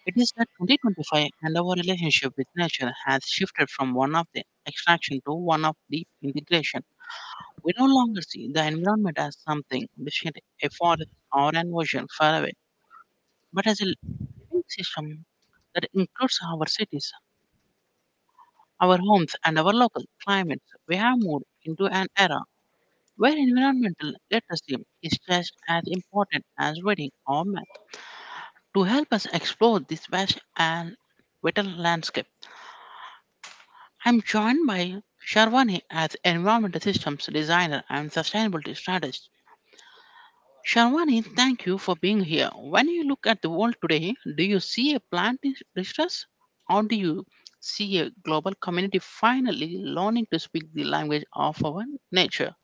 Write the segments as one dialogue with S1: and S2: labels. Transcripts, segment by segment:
S1: It is that 2025, and our relationship with nature has shifted from one of the extraction to one of deep integration. We no longer see the environment as something distinct, a forest or an ocean far away, but as a living system that includes our cities, our homes, and our local climates. We have moved into an era where environmental literacy is just as important as reading or math. To help us explore this vast and vital landscape, I'm joined by Sharwani as environmental systems designer and sustainability strategist. Sharwani, thank you for being here. When you look at the world today, do you see a distress, or do you see a global community finally learning to speak the language of our nature?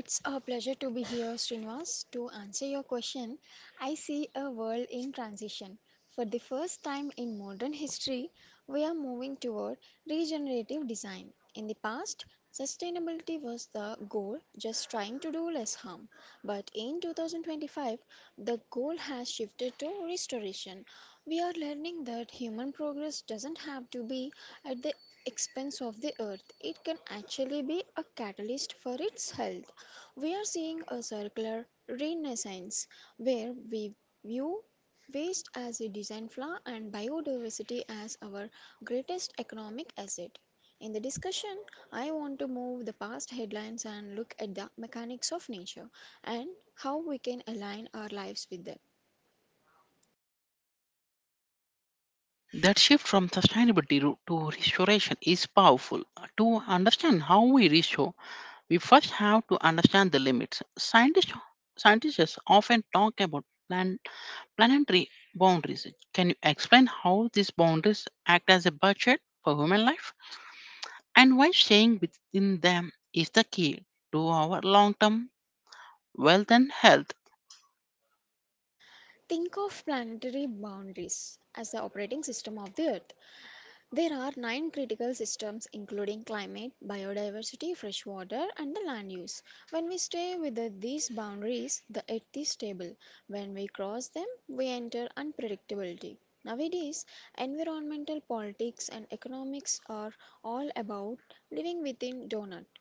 S2: It's a pleasure to be here, Srinivas. To answer your question, I see a world in transition. For the first time in modern history, we are moving toward regenerative design. In the past, sustainability was the goal, just trying to do less harm. But in 2025, the goal has shifted to restoration. We are learning that human progress doesn't have to be at the expense of the earth. It can actually be a catalyst for its health. We are seeing a circular renaissance where we view waste as a design flaw and biodiversity as our greatest economic asset. In the discussion, I want to move the past headlines and look at the mechanics of nature and how we can align our lives with them.
S1: That shift from sustainability to restoration is powerful. To understand how we restore, we first have to understand the limits. Scientists often talk about planetary boundaries. Can you explain how these boundaries act as a budget for human life, and why staying within them is the key to our long term wealth and health?
S2: Think of planetary boundaries as the operating system of the earth. There are nine critical systems, including climate, biodiversity, freshwater, and the land use. When we stay within these boundaries, the earth is stable. When we cross them, we enter unpredictability. Nowadays, environmental politics and economics are all about living within donut.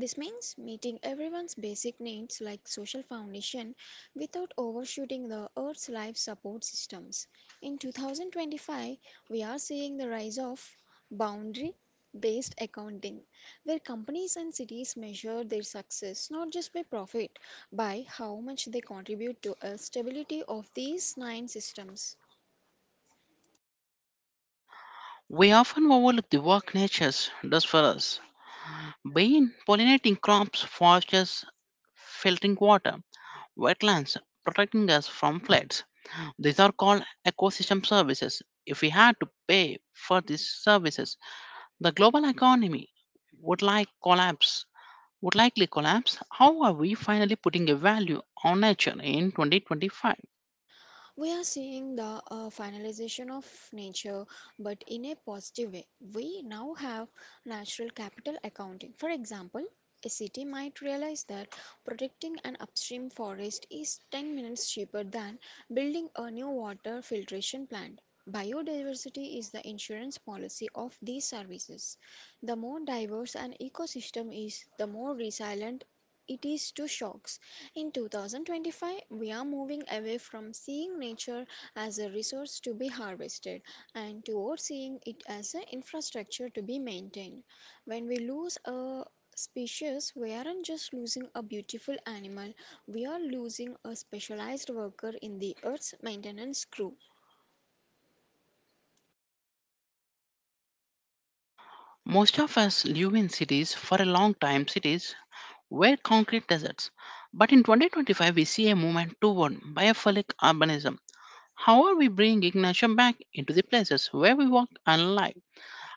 S2: This means meeting everyone's basic needs like social foundation without overshooting the Earth's life support systems. In 2025, we are seeing the rise of boundary based accounting, where companies and cities measure their success not just by profit, by how much they contribute to a stability of these nine systems.
S1: We often overlook the work nature does for us. Being pollinating crops, forests, filtering water, wetlands, protecting us from floods. These are called ecosystem services. If we had to pay for these services, the global economy would like collapse would likely collapse. How are we finally putting a value on nature in 2025?
S2: We are seeing the finalization of nature, but in a positive way. We now have natural capital accounting. For example, a city might realize that protecting an upstream forest is 10 minutes cheaper than building a new water filtration plant. Biodiversity is the insurance policy of these services. The more diverse an ecosystem is, the more resilient it is to shocks. In 2025, we are moving away from seeing nature as a resource to be harvested and toward seeing it as an infrastructure to be maintained. When we lose a species, we aren't just losing a beautiful animal, we are losing a specialized worker in the Earth's maintenance crew.
S1: Most of us live in cities for a long time. Cities were concrete deserts. But in 2025, we see a movement toward biophilic urbanism. How are we bringing nature back into the places where we work and live?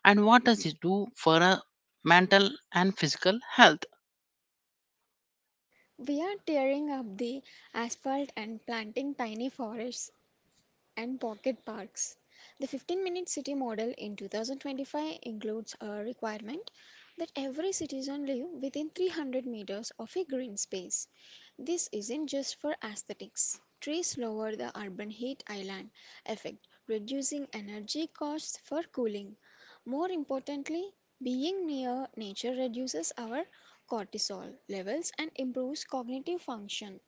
S1: And what does this do for our mental and physical health?
S2: We are tearing up the asphalt and planting tiny forests and pocket parks. The 15-minute city model in 2025 includes a requirement that every citizen live within 300 meters of a green space. This isn't just for aesthetics. Trees lower the urban heat island effect, reducing energy costs for cooling. More importantly, being near nature reduces our cortisol levels and improves cognitive function.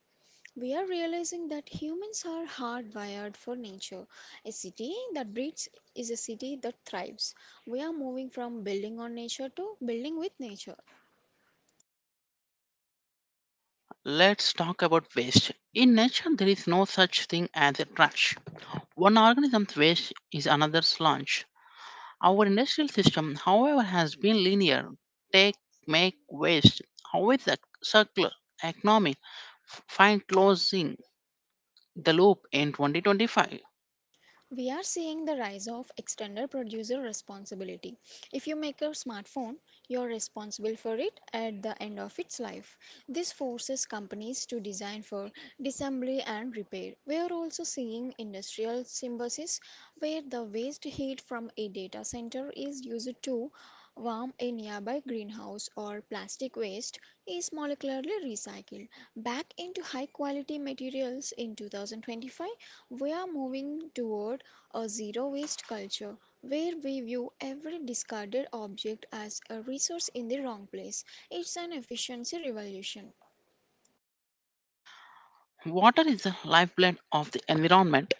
S2: We are realizing that humans are hardwired for nature. A city that breeds is a city that thrives. We are moving from building on nature to building with nature.
S1: Let's talk about waste. In nature, there is no such thing as a trash. One organism's waste is another's lunch. Our industrial system, however, has been linear take, make, waste. However, the circular economy find closing the loop in 2025.
S2: We are seeing the rise of extended producer responsibility. If you make a smartphone, you're responsible for it at the end of its life. This forces companies to design for disassembly and repair. We are also seeing industrial symbiosis where the waste heat from a data center is used to warm a nearby greenhouse, or plastic waste is molecularly recycled back into high quality materials. In 2025, we are moving toward a zero waste culture where we view every discarded object as a resource in the wrong place. It's an efficiency revolution.
S1: Water is the lifeblood of the environment.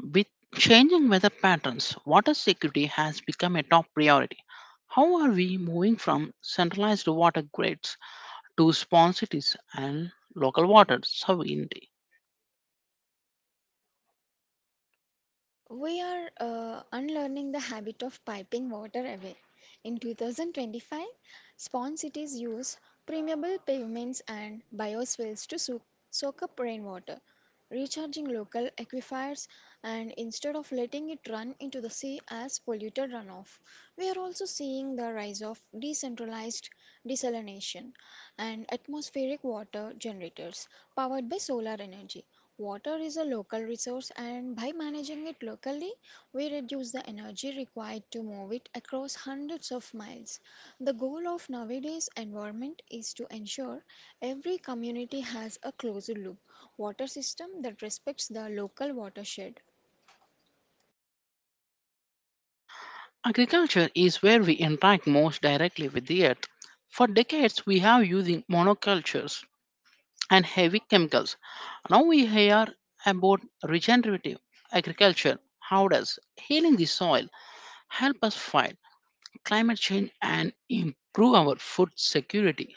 S1: With changing weather patterns, water security has become a top priority. How are we moving from centralized water grids to spawn cities and local water sovereignty?
S2: We are unlearning the habit of piping water away. In 2025, spawn cities use permeable pavements and bioswales to soak up rainwater, recharging local aquifers, and instead of letting it run into the sea as polluted runoff. We are also seeing the rise of decentralized desalination and atmospheric water generators powered by solar energy. Water is a local resource, and by managing it locally we reduce the energy required to move it across hundreds of miles. The goal of nowadays environment is to ensure every community has a closed loop water system that respects the local watershed.
S1: Agriculture is where we interact most directly with the earth. For decades, we have using monocultures and heavy chemicals. Now we hear about regenerative agriculture. How does healing the soil help us fight climate change and improve our food security?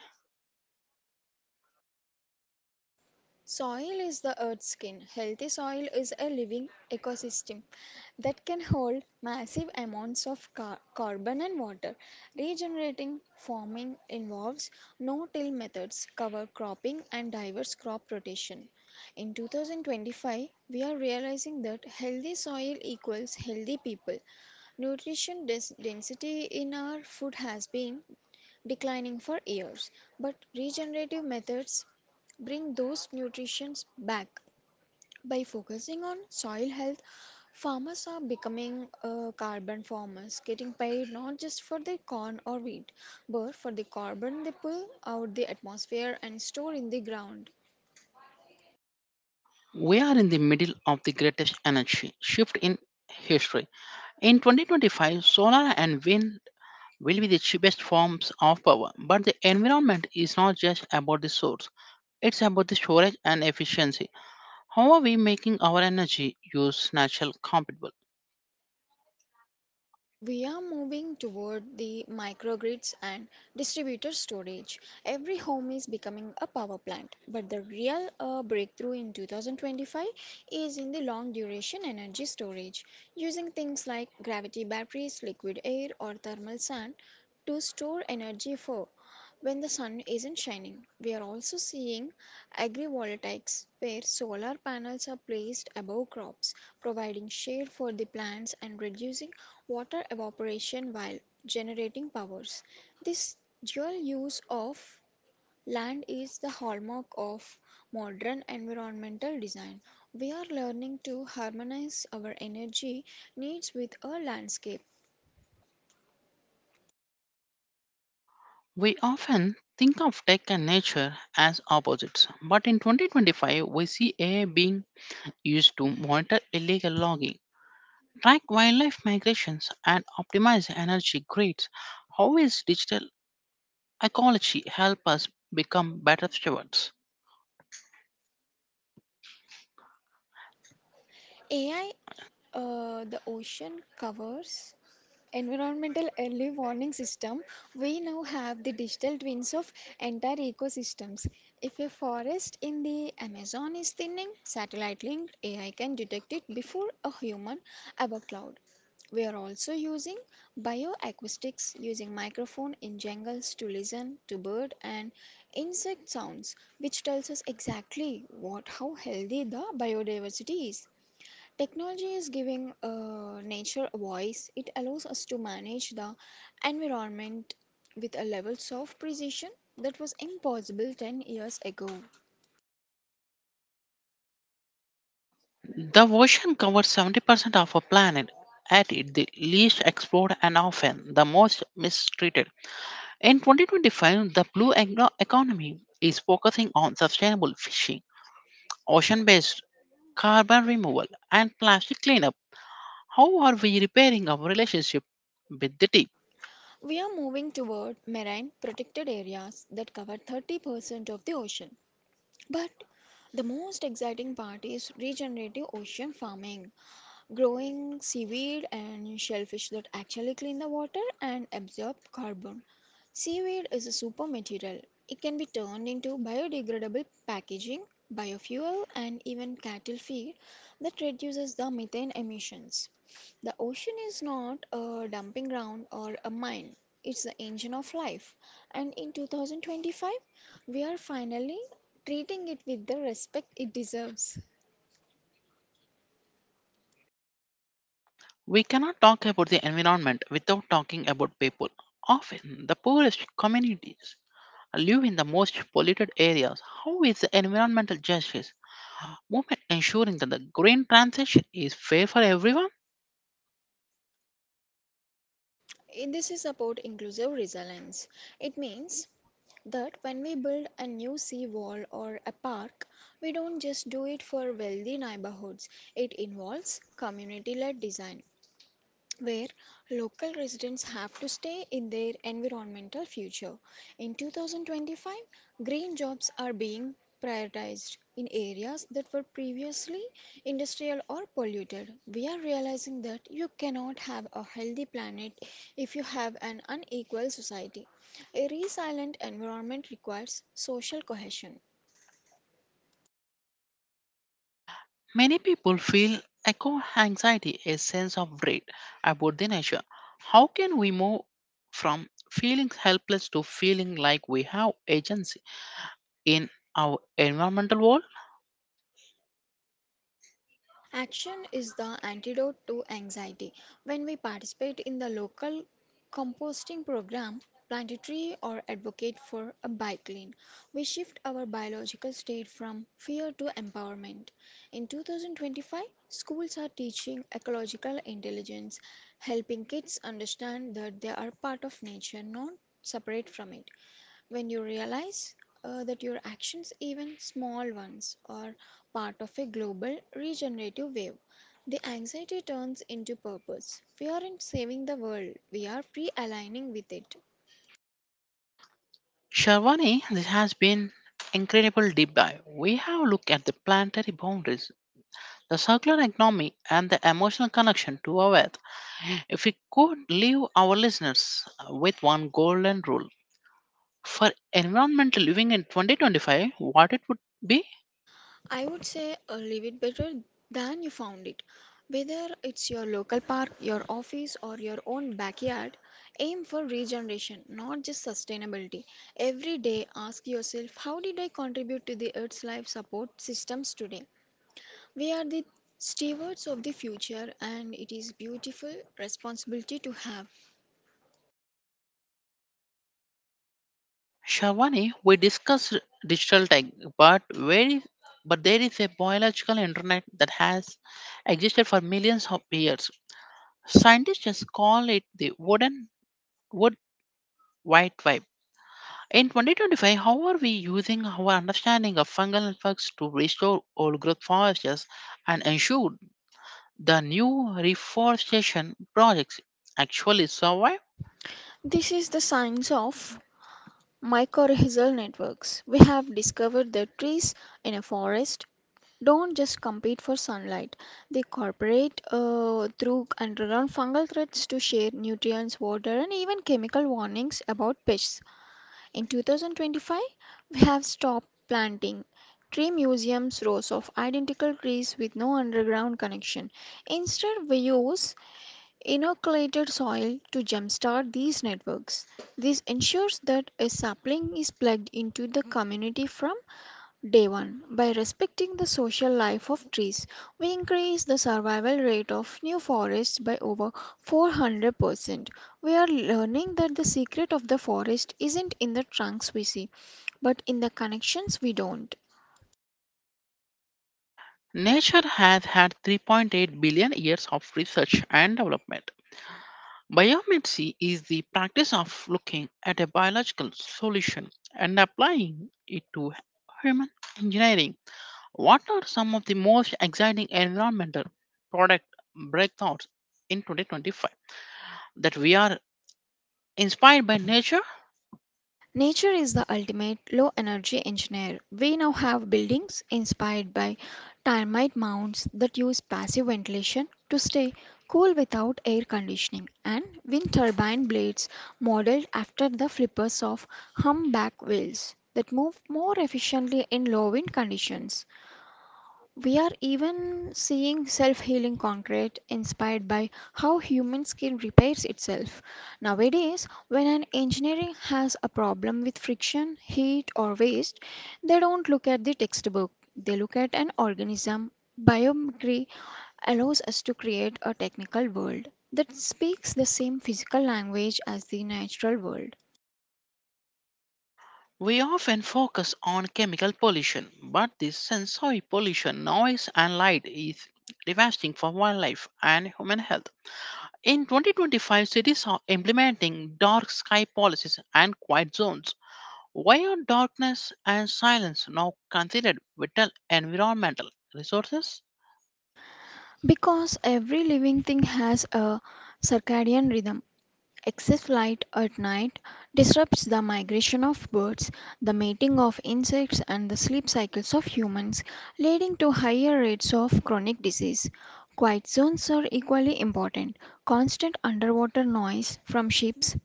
S2: Soil is the earth's skin. Healthy soil is a living ecosystem that can hold massive amounts of carbon and water. Regenerating farming involves no-till methods, cover cropping, and diverse crop rotation. In 2025, we are realizing that healthy soil equals healthy people. Nutrition density in our food has been declining for years, but regenerative methods bring those nutrients back. By focusing on soil health, farmers are becoming carbon farmers, getting paid not just for their corn or wheat, but for the carbon they pull out the atmosphere and store in the ground.
S1: We are in the middle of the greatest energy shift in history. In 2025, solar and wind will be the cheapest forms of power. But the environment is not just about the source, it's about the storage and efficiency. How are we making our energy use natural compatible?
S2: We are moving toward the microgrids and distributed storage. Every home is becoming a power plant, but the real breakthrough in 2025 is in the long duration energy storage, using things like gravity batteries, liquid air, or thermal sand to store energy for when the sun isn't shining. We are also seeing agrivoltaics where solar panels are placed above crops, providing shade for the plants and reducing water evaporation while generating powers. This dual use of land is the hallmark of modern environmental design. We are learning to harmonize our energy needs with a landscape.
S1: We often think of tech and nature as opposites, but in 2025, we see AI being used to monitor illegal logging, track wildlife migrations, and optimize energy grids. How is digital ecology help us become better stewards?
S2: AI, the ocean covers environmental early warning system, we now have the digital twins of entire ecosystems. If a forest in the Amazon is thinning, satellite linked AI can detect it before a human above cloud. We are also using bioacoustics, using microphone in jungles to listen to bird and insect sounds, which tells us exactly what how healthy the biodiversity is. Technology is giving nature a voice. It allows us to manage the environment with a levels of precision that was impossible 10 years ago.
S1: The ocean covers 70% of our planet, at it the least explored and often the most mistreated. In 2025, the blue economy is focusing on sustainable fishing, ocean based carbon removal, and plastic cleanup. How are we repairing our relationship with the deep?
S2: We are moving toward marine protected areas that cover 30% of the ocean. But the most exciting part is regenerative ocean farming, growing seaweed and shellfish that actually clean the water and absorb carbon. Seaweed is a super material. It can be turned into biodegradable packaging, biofuel, and even cattle feed that reduces the methane emissions. The ocean is not a dumping ground or a mine, it's the engine of life. And in 2025, we are finally treating it with the respect it deserves.
S1: We cannot talk about the environment without talking about people. Often, the poorest communities live in the most polluted areas. How is the environmental justice movement ensuring that the green transition is fair for everyone?
S2: And this is about inclusive resilience. It means that when we build a new sea wall or a park, we don't just do it for wealthy neighborhoods. It involves community led design where local residents have to stay in their environmental future. In 2025, green jobs are being prioritized in areas that were previously industrial or polluted. We are realizing that you cannot have a healthy planet if you have an unequal society. A resilient environment requires social cohesion.
S1: Many people feel eco anxiety, a sense of dread about the nature. How can we move from feeling helpless to feeling like we have agency in our environmental world?
S2: Action is the antidote to anxiety. When we participate in the local composting program, plant a tree, or advocate for a bike lane, we shift our biological state from fear to empowerment. In 2025, schools are teaching ecological intelligence, helping kids understand that they are part of nature, not separate from it. When you realize that your actions, even small ones, are part of a global regenerative wave, the anxiety turns into purpose. We aren't saving the world, we are pre aligning with it.
S1: Sharwani, this has been incredible deep dive. We have looked at the planetary boundaries, the circular economy, and the emotional connection to our earth. If we could leave our listeners with one golden rule for environmental living in 2025, what it would be?
S2: I would say, leave it better than you found it. Whether it's your local park, your office, or your own backyard, aim for regeneration, not just sustainability. Every day, ask yourself, how did I contribute to the Earth's life support systems today? We are the stewards of the future, and it is beautiful responsibility to have.
S1: Shavani, we discussed digital tech, but where is, but there is a biological internet that has existed for millions of years. Scientists just call it the wood white vibe. In 2025, how are we using our understanding of fungal networks to restore old growth forests and ensure the new reforestation projects actually survive?
S2: This is the science of mycorrhizal networks. We have discovered that trees in a forest don't just compete for sunlight. They cooperate through underground fungal threads to share nutrients, water, and even chemical warnings about pests. In 2025, we have stopped planting tree museums, rows of identical trees with no underground connection. Instead, we use inoculated soil to jumpstart these networks. This ensures that a sapling is plugged into the community from Day 1. By respecting the social life of trees, we increase the survival rate of new forests by over 400%. We are learning that the secret of the forest isn't in the trunks we see, but in the connections we don't.
S1: Nature has had 3.8 billion years of research and development. Biomancy is the practice of looking at a biological solution and applying it to human engineering. What are some of the most exciting environmental product breakthroughs in 2025 that we are inspired by nature?
S2: Nature is the ultimate low energy engineer. We now have buildings inspired by termite mounds that use passive ventilation to stay cool without air conditioning, and wind turbine blades modeled after the flippers of humpback whales that move more efficiently in low wind conditions. We are even seeing self healing concrete inspired by how human skin repairs itself. Nowadays, when an engineering has a problem with friction, heat, or waste, they don't look at the textbook. They look at an organism. Biomimicry allows us to create a technical world that speaks the same physical language as the natural world.
S1: We often focus on chemical pollution, but this sensory pollution, noise and light is devastating for wildlife and human health. In 2025, cities are implementing dark sky policies and quiet zones. Why are darkness and silence now considered vital environmental resources?
S2: Because every living thing has a circadian rhythm, excess light at night disrupts the migration of birds, the mating of insects, and the sleep cycles of humans, leading to higher rates of chronic disease. Quiet zones are equally important. Constant underwater noise from ships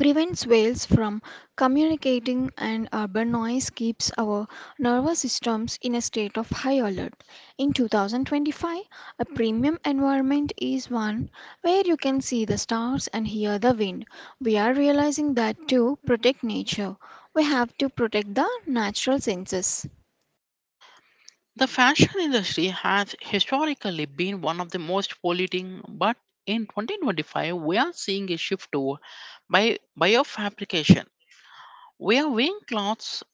S2: prevents whales from communicating, and urban noise keeps our nervous systems in a state of high alert. In 2025, a premium environment is one where you can see the stars and hear the wind. We are realizing that to protect nature, we have to protect the natural senses.
S1: The fashion industry has historically been one of the most polluting, but in 2025, we are seeing a shift to biofabrication. We are wearing clothes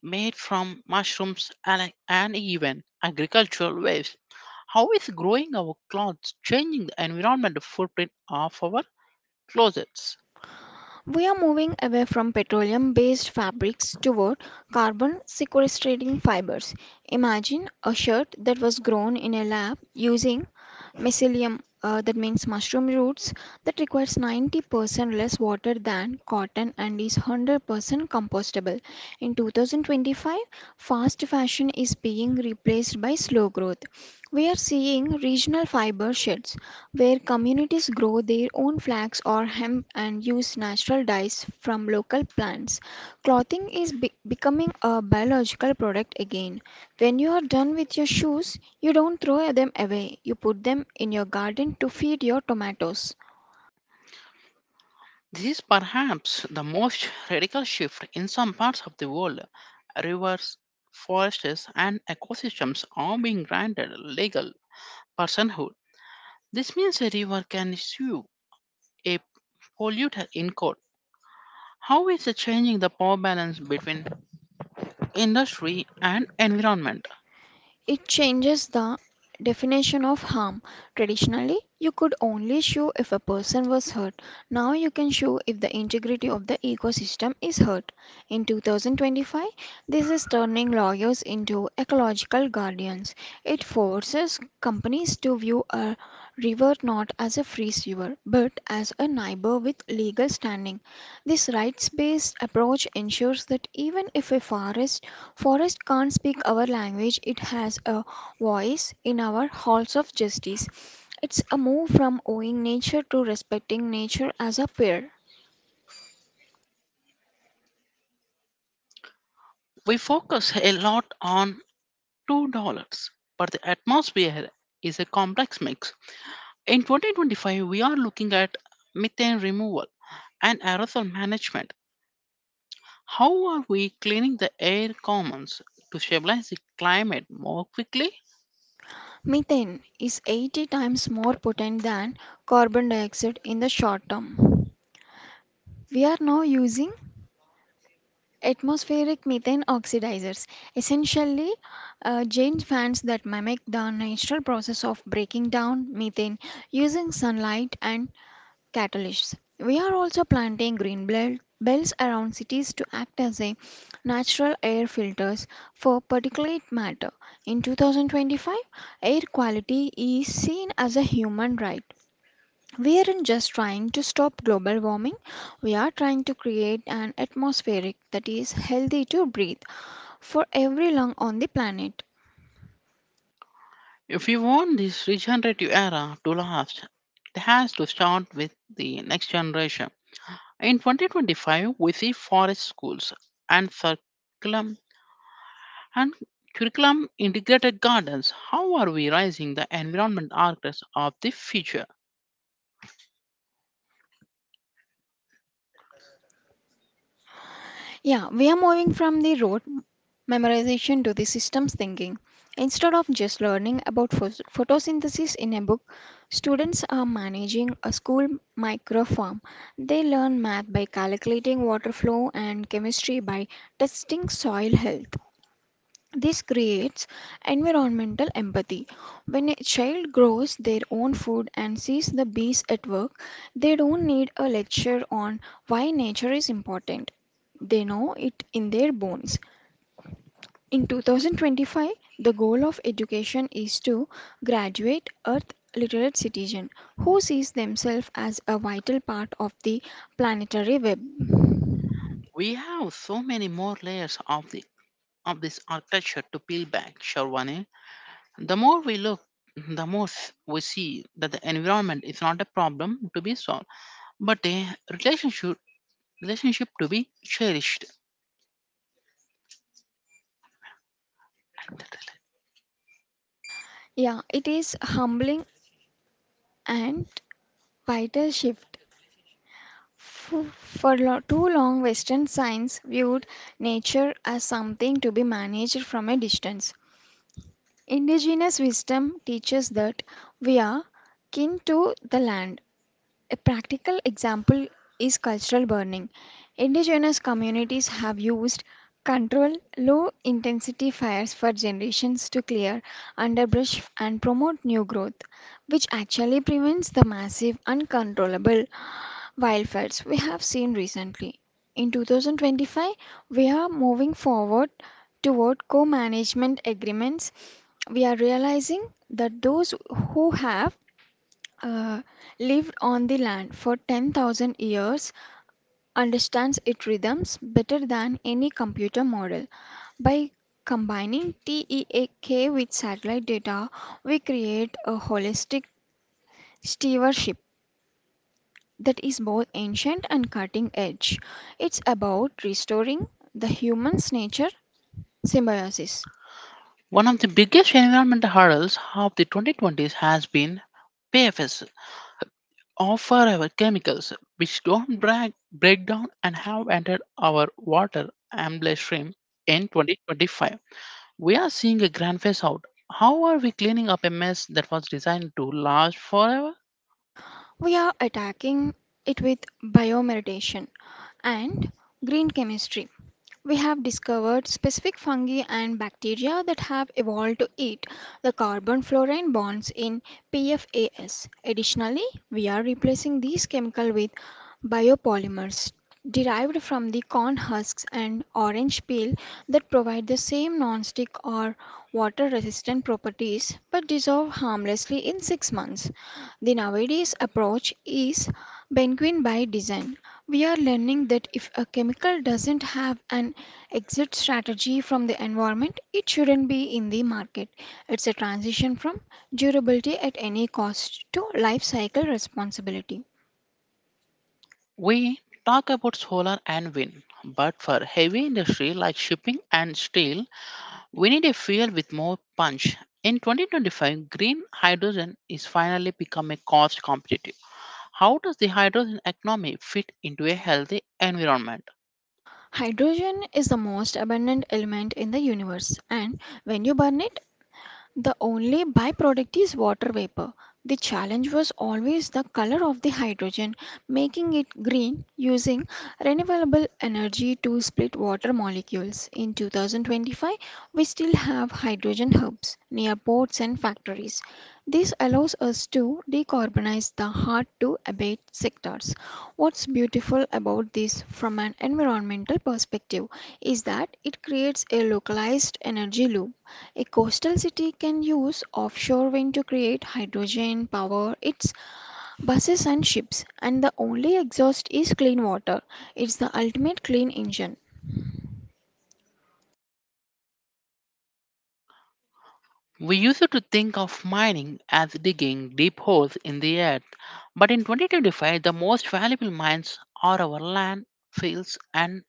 S1: made from mushrooms and even agricultural waste. How is growing our clothes changing the environmental footprint of our closets?
S2: We are moving away from petroleum based fabrics toward carbon sequestrating fibers. Imagine a shirt that was grown in a lab using mycelium, that means mushroom roots, that requires 90% less water than cotton and is 100% compostable. In 2025, fast fashion is being replaced by slow growth. We are seeing regional fiber sheds where communities grow their own flax or hemp and use natural dyes from local plants. Clothing is becoming a biological product again. When you are done with your shoes, you don't throw them away, you put them in your garden to feed your tomatoes.
S1: This is perhaps the most radical shift in some parts of the world. Rivers, forests, and ecosystems are being granted legal personhood. This means a river can sue a polluter in court. How is it changing the power balance between industry and environment?
S2: It changes the definition of harm. Traditionally, you could only sue if a person was hurt. Now you can sue if the integrity of the ecosystem is hurt. In 2025, this is turning lawyers into ecological guardians. It forces companies to view a river not as a free sewer, but as a neighbor with legal standing. This rights based approach ensures that even if a Forest can't speak our language, it has a voice in our halls of justice. It's a move from owing nature to respecting nature as a peer.
S1: We focus a lot on $2, but the atmosphere is a complex mix. In 2025, we are looking at methane removal and aerosol management. How are we cleaning the air commons to stabilize the climate more quickly?
S2: Methane is 80 times more potent than carbon dioxide in the short term. We are now using atmospheric methane oxidizers, essentially giant fans that mimic the natural process of breaking down methane using sunlight and catalysts. We are also planting green belts around cities to act as a natural air filters for particulate matter. In 2025, air quality is seen as a human right. We aren't just trying to stop global warming, we are trying to create an atmospheric that is healthy to breathe for every lung on the planet.
S1: If we want this regenerative era to last, it has to start with the next generation. In 2025, we see forest schools and circular and curriculum integrated gardens. How are we raising the environment architects of the future?
S2: Yeah, we are moving from the road memorization to the systems thinking. Instead of just learning about photosynthesis in a book, students are managing a school microfarm. They learn math by calculating water flow and chemistry by testing soil health. This creates environmental empathy. When a child grows their own food and sees the bees at work, they don't need a lecture on why nature is important. They know it in their bones. In 2025, the goal of education is to graduate Earth literate citizen who sees themselves as a vital part of the planetary web.
S1: We have so many more layers of the of this architecture to peel back, Sharwani. The more we look, the we see that the environment is not a problem to be solved, but a relationship relationship to be cherished.
S2: Yeah, it is humbling and vital shift. Too long, Western science viewed nature as something to be managed from a distance. Indigenous wisdom teaches that we are kin to the land. A practical example is cultural burning. Indigenous communities have used controlled low intensity fires for generations to clear underbrush and promote new growth, which actually prevents the massive uncontrollable wildfires we have seen recently. In 2025, we are moving forward toward co management agreements. We are realizing that those who have uh, lived on the land for 10,000 years, understands its rhythms better than any computer model. By combining TEAK with satellite data, we create a holistic stewardship that is both ancient and cutting edge. It's about restoring the human's nature symbiosis.
S1: One of the biggest environmental hurdles of the 2020s has been PFS offer our chemicals which don't break down and have entered our water amble stream in 2025. We are seeing a grand phase out. How are we cleaning up a mess that was designed to last forever?
S2: We are attacking it with biomeditation and green chemistry. We have discovered specific fungi and bacteria that have evolved to eat the carbon fluorine bonds in PFAS. Additionally, we are replacing these chemicals with biopolymers derived from the corn husks and orange peel that provide the same nonstick or water resistant properties but dissolve harmlessly in 6 months. The nowadays approach is benquin by design. We are learning that if a chemical doesn't have an exit strategy from the environment, it shouldn't be in the market. It's a transition from durability at any cost to life cycle responsibility.
S1: We talk about solar and wind, but for heavy industry like shipping and steel, we need a fuel with more punch. In 2025, green hydrogen is finally become a cost competitive. How does the hydrogen economy fit into a healthy environment?
S2: Hydrogen is the most abundant element in the universe, and when you burn it, the only byproduct is water vapor. The challenge was always the color of the hydrogen, making it green using renewable energy to split water molecules. In 2025, we still have hydrogen hubs near ports and factories. This allows us to decarbonize the hard to abate sectors. What's beautiful about this from an environmental perspective is that it creates a localized energy loop. A coastal city can use offshore wind to create hydrogen, power its buses and ships, and the only exhaust is clean water. It's the ultimate clean engine.
S1: We used to think of mining as digging deep holes in the earth, but in 2025, the most valuable mines are our land, fields, and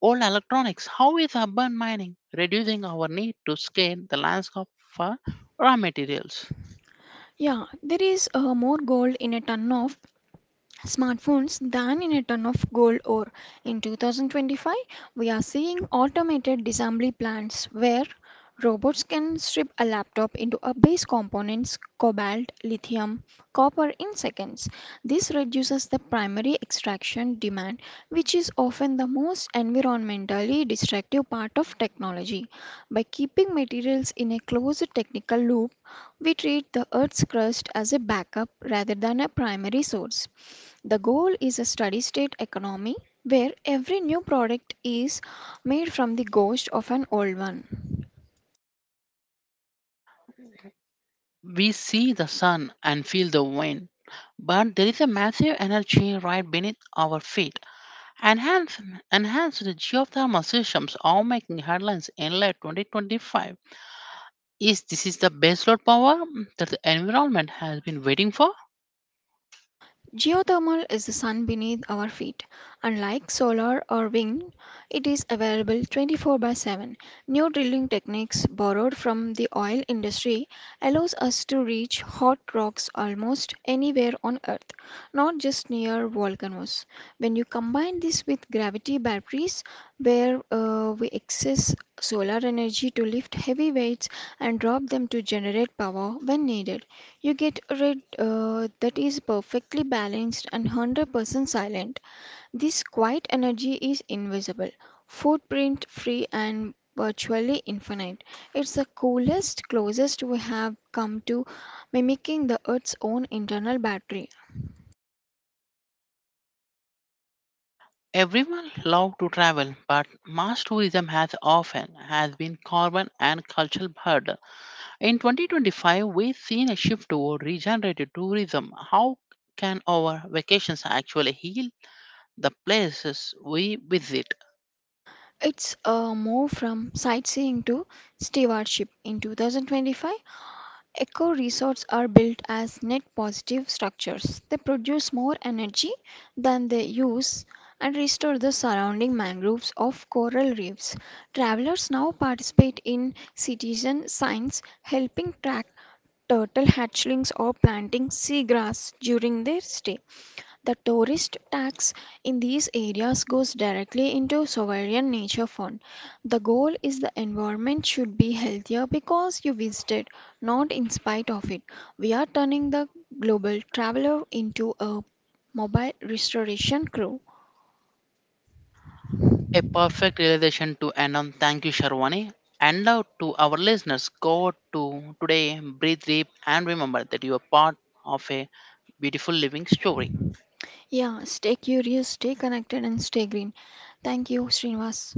S1: old electronics. How is urban mining reducing our need to scale the landscape for raw materials?
S2: Yeah, there is more gold in a ton of smartphones than in a ton of gold ore. In 2025, we are seeing automated disassembly plants where robots can strip a laptop into a base components cobalt, lithium, copper in seconds. This reduces the primary extraction demand, which is often the most environmentally destructive part of technology. By keeping materials in a closed technical loop, we treat the Earth's crust as a backup rather than a primary source. The goal is a steady state economy where every new product is made from the ghost of an old one.
S1: We see the sun and feel the wind, but there is a massive energy right beneath our feet. Enhanced, enhanced geothermal systems are making headlines in late 2025. Is this is the baseload power that the environment has been waiting for?
S2: Geothermal is the sun beneath our feet. Unlike solar or wind, it is available 24 by 7. New drilling techniques borrowed from the oil industry allows us to reach hot rocks almost anywhere on earth, not just near volcanoes. When you combine this with gravity batteries where we access solar energy to lift heavy weights and drop them to generate power when needed, you get rid that is perfectly balanced and 100% silent. This quiet energy is invisible, footprint free, and virtually infinite. It's the coolest, closest we have come to mimicking the Earth's own internal battery.
S1: Everyone love to travel, but mass tourism has often has been carbon and cultural burden. In 2025, we've seen a shift toward regenerative tourism. How can our vacations actually heal the places we visit?
S2: It's a move from sightseeing to stewardship in 2025. Eco resorts are built as net positive structures. They produce more energy than they use and restore the surrounding mangroves of coral reefs. Travelers now participate in citizen science, helping track turtle hatchlings or planting seagrass during their stay. The tourist tax in these areas goes directly into sovereign nature fund. The goal is the environment should be healthier because you visited, not in spite of it. We are turning the global traveler into a mobile restoration crew.
S1: A perfect realization to end on. Thank you, Sharwani. And out to our listeners, go to today, breathe deep, and remember that you are part of a beautiful living story.
S2: Yeah, stay curious, stay connected and stay green. Thank you, Srinivas.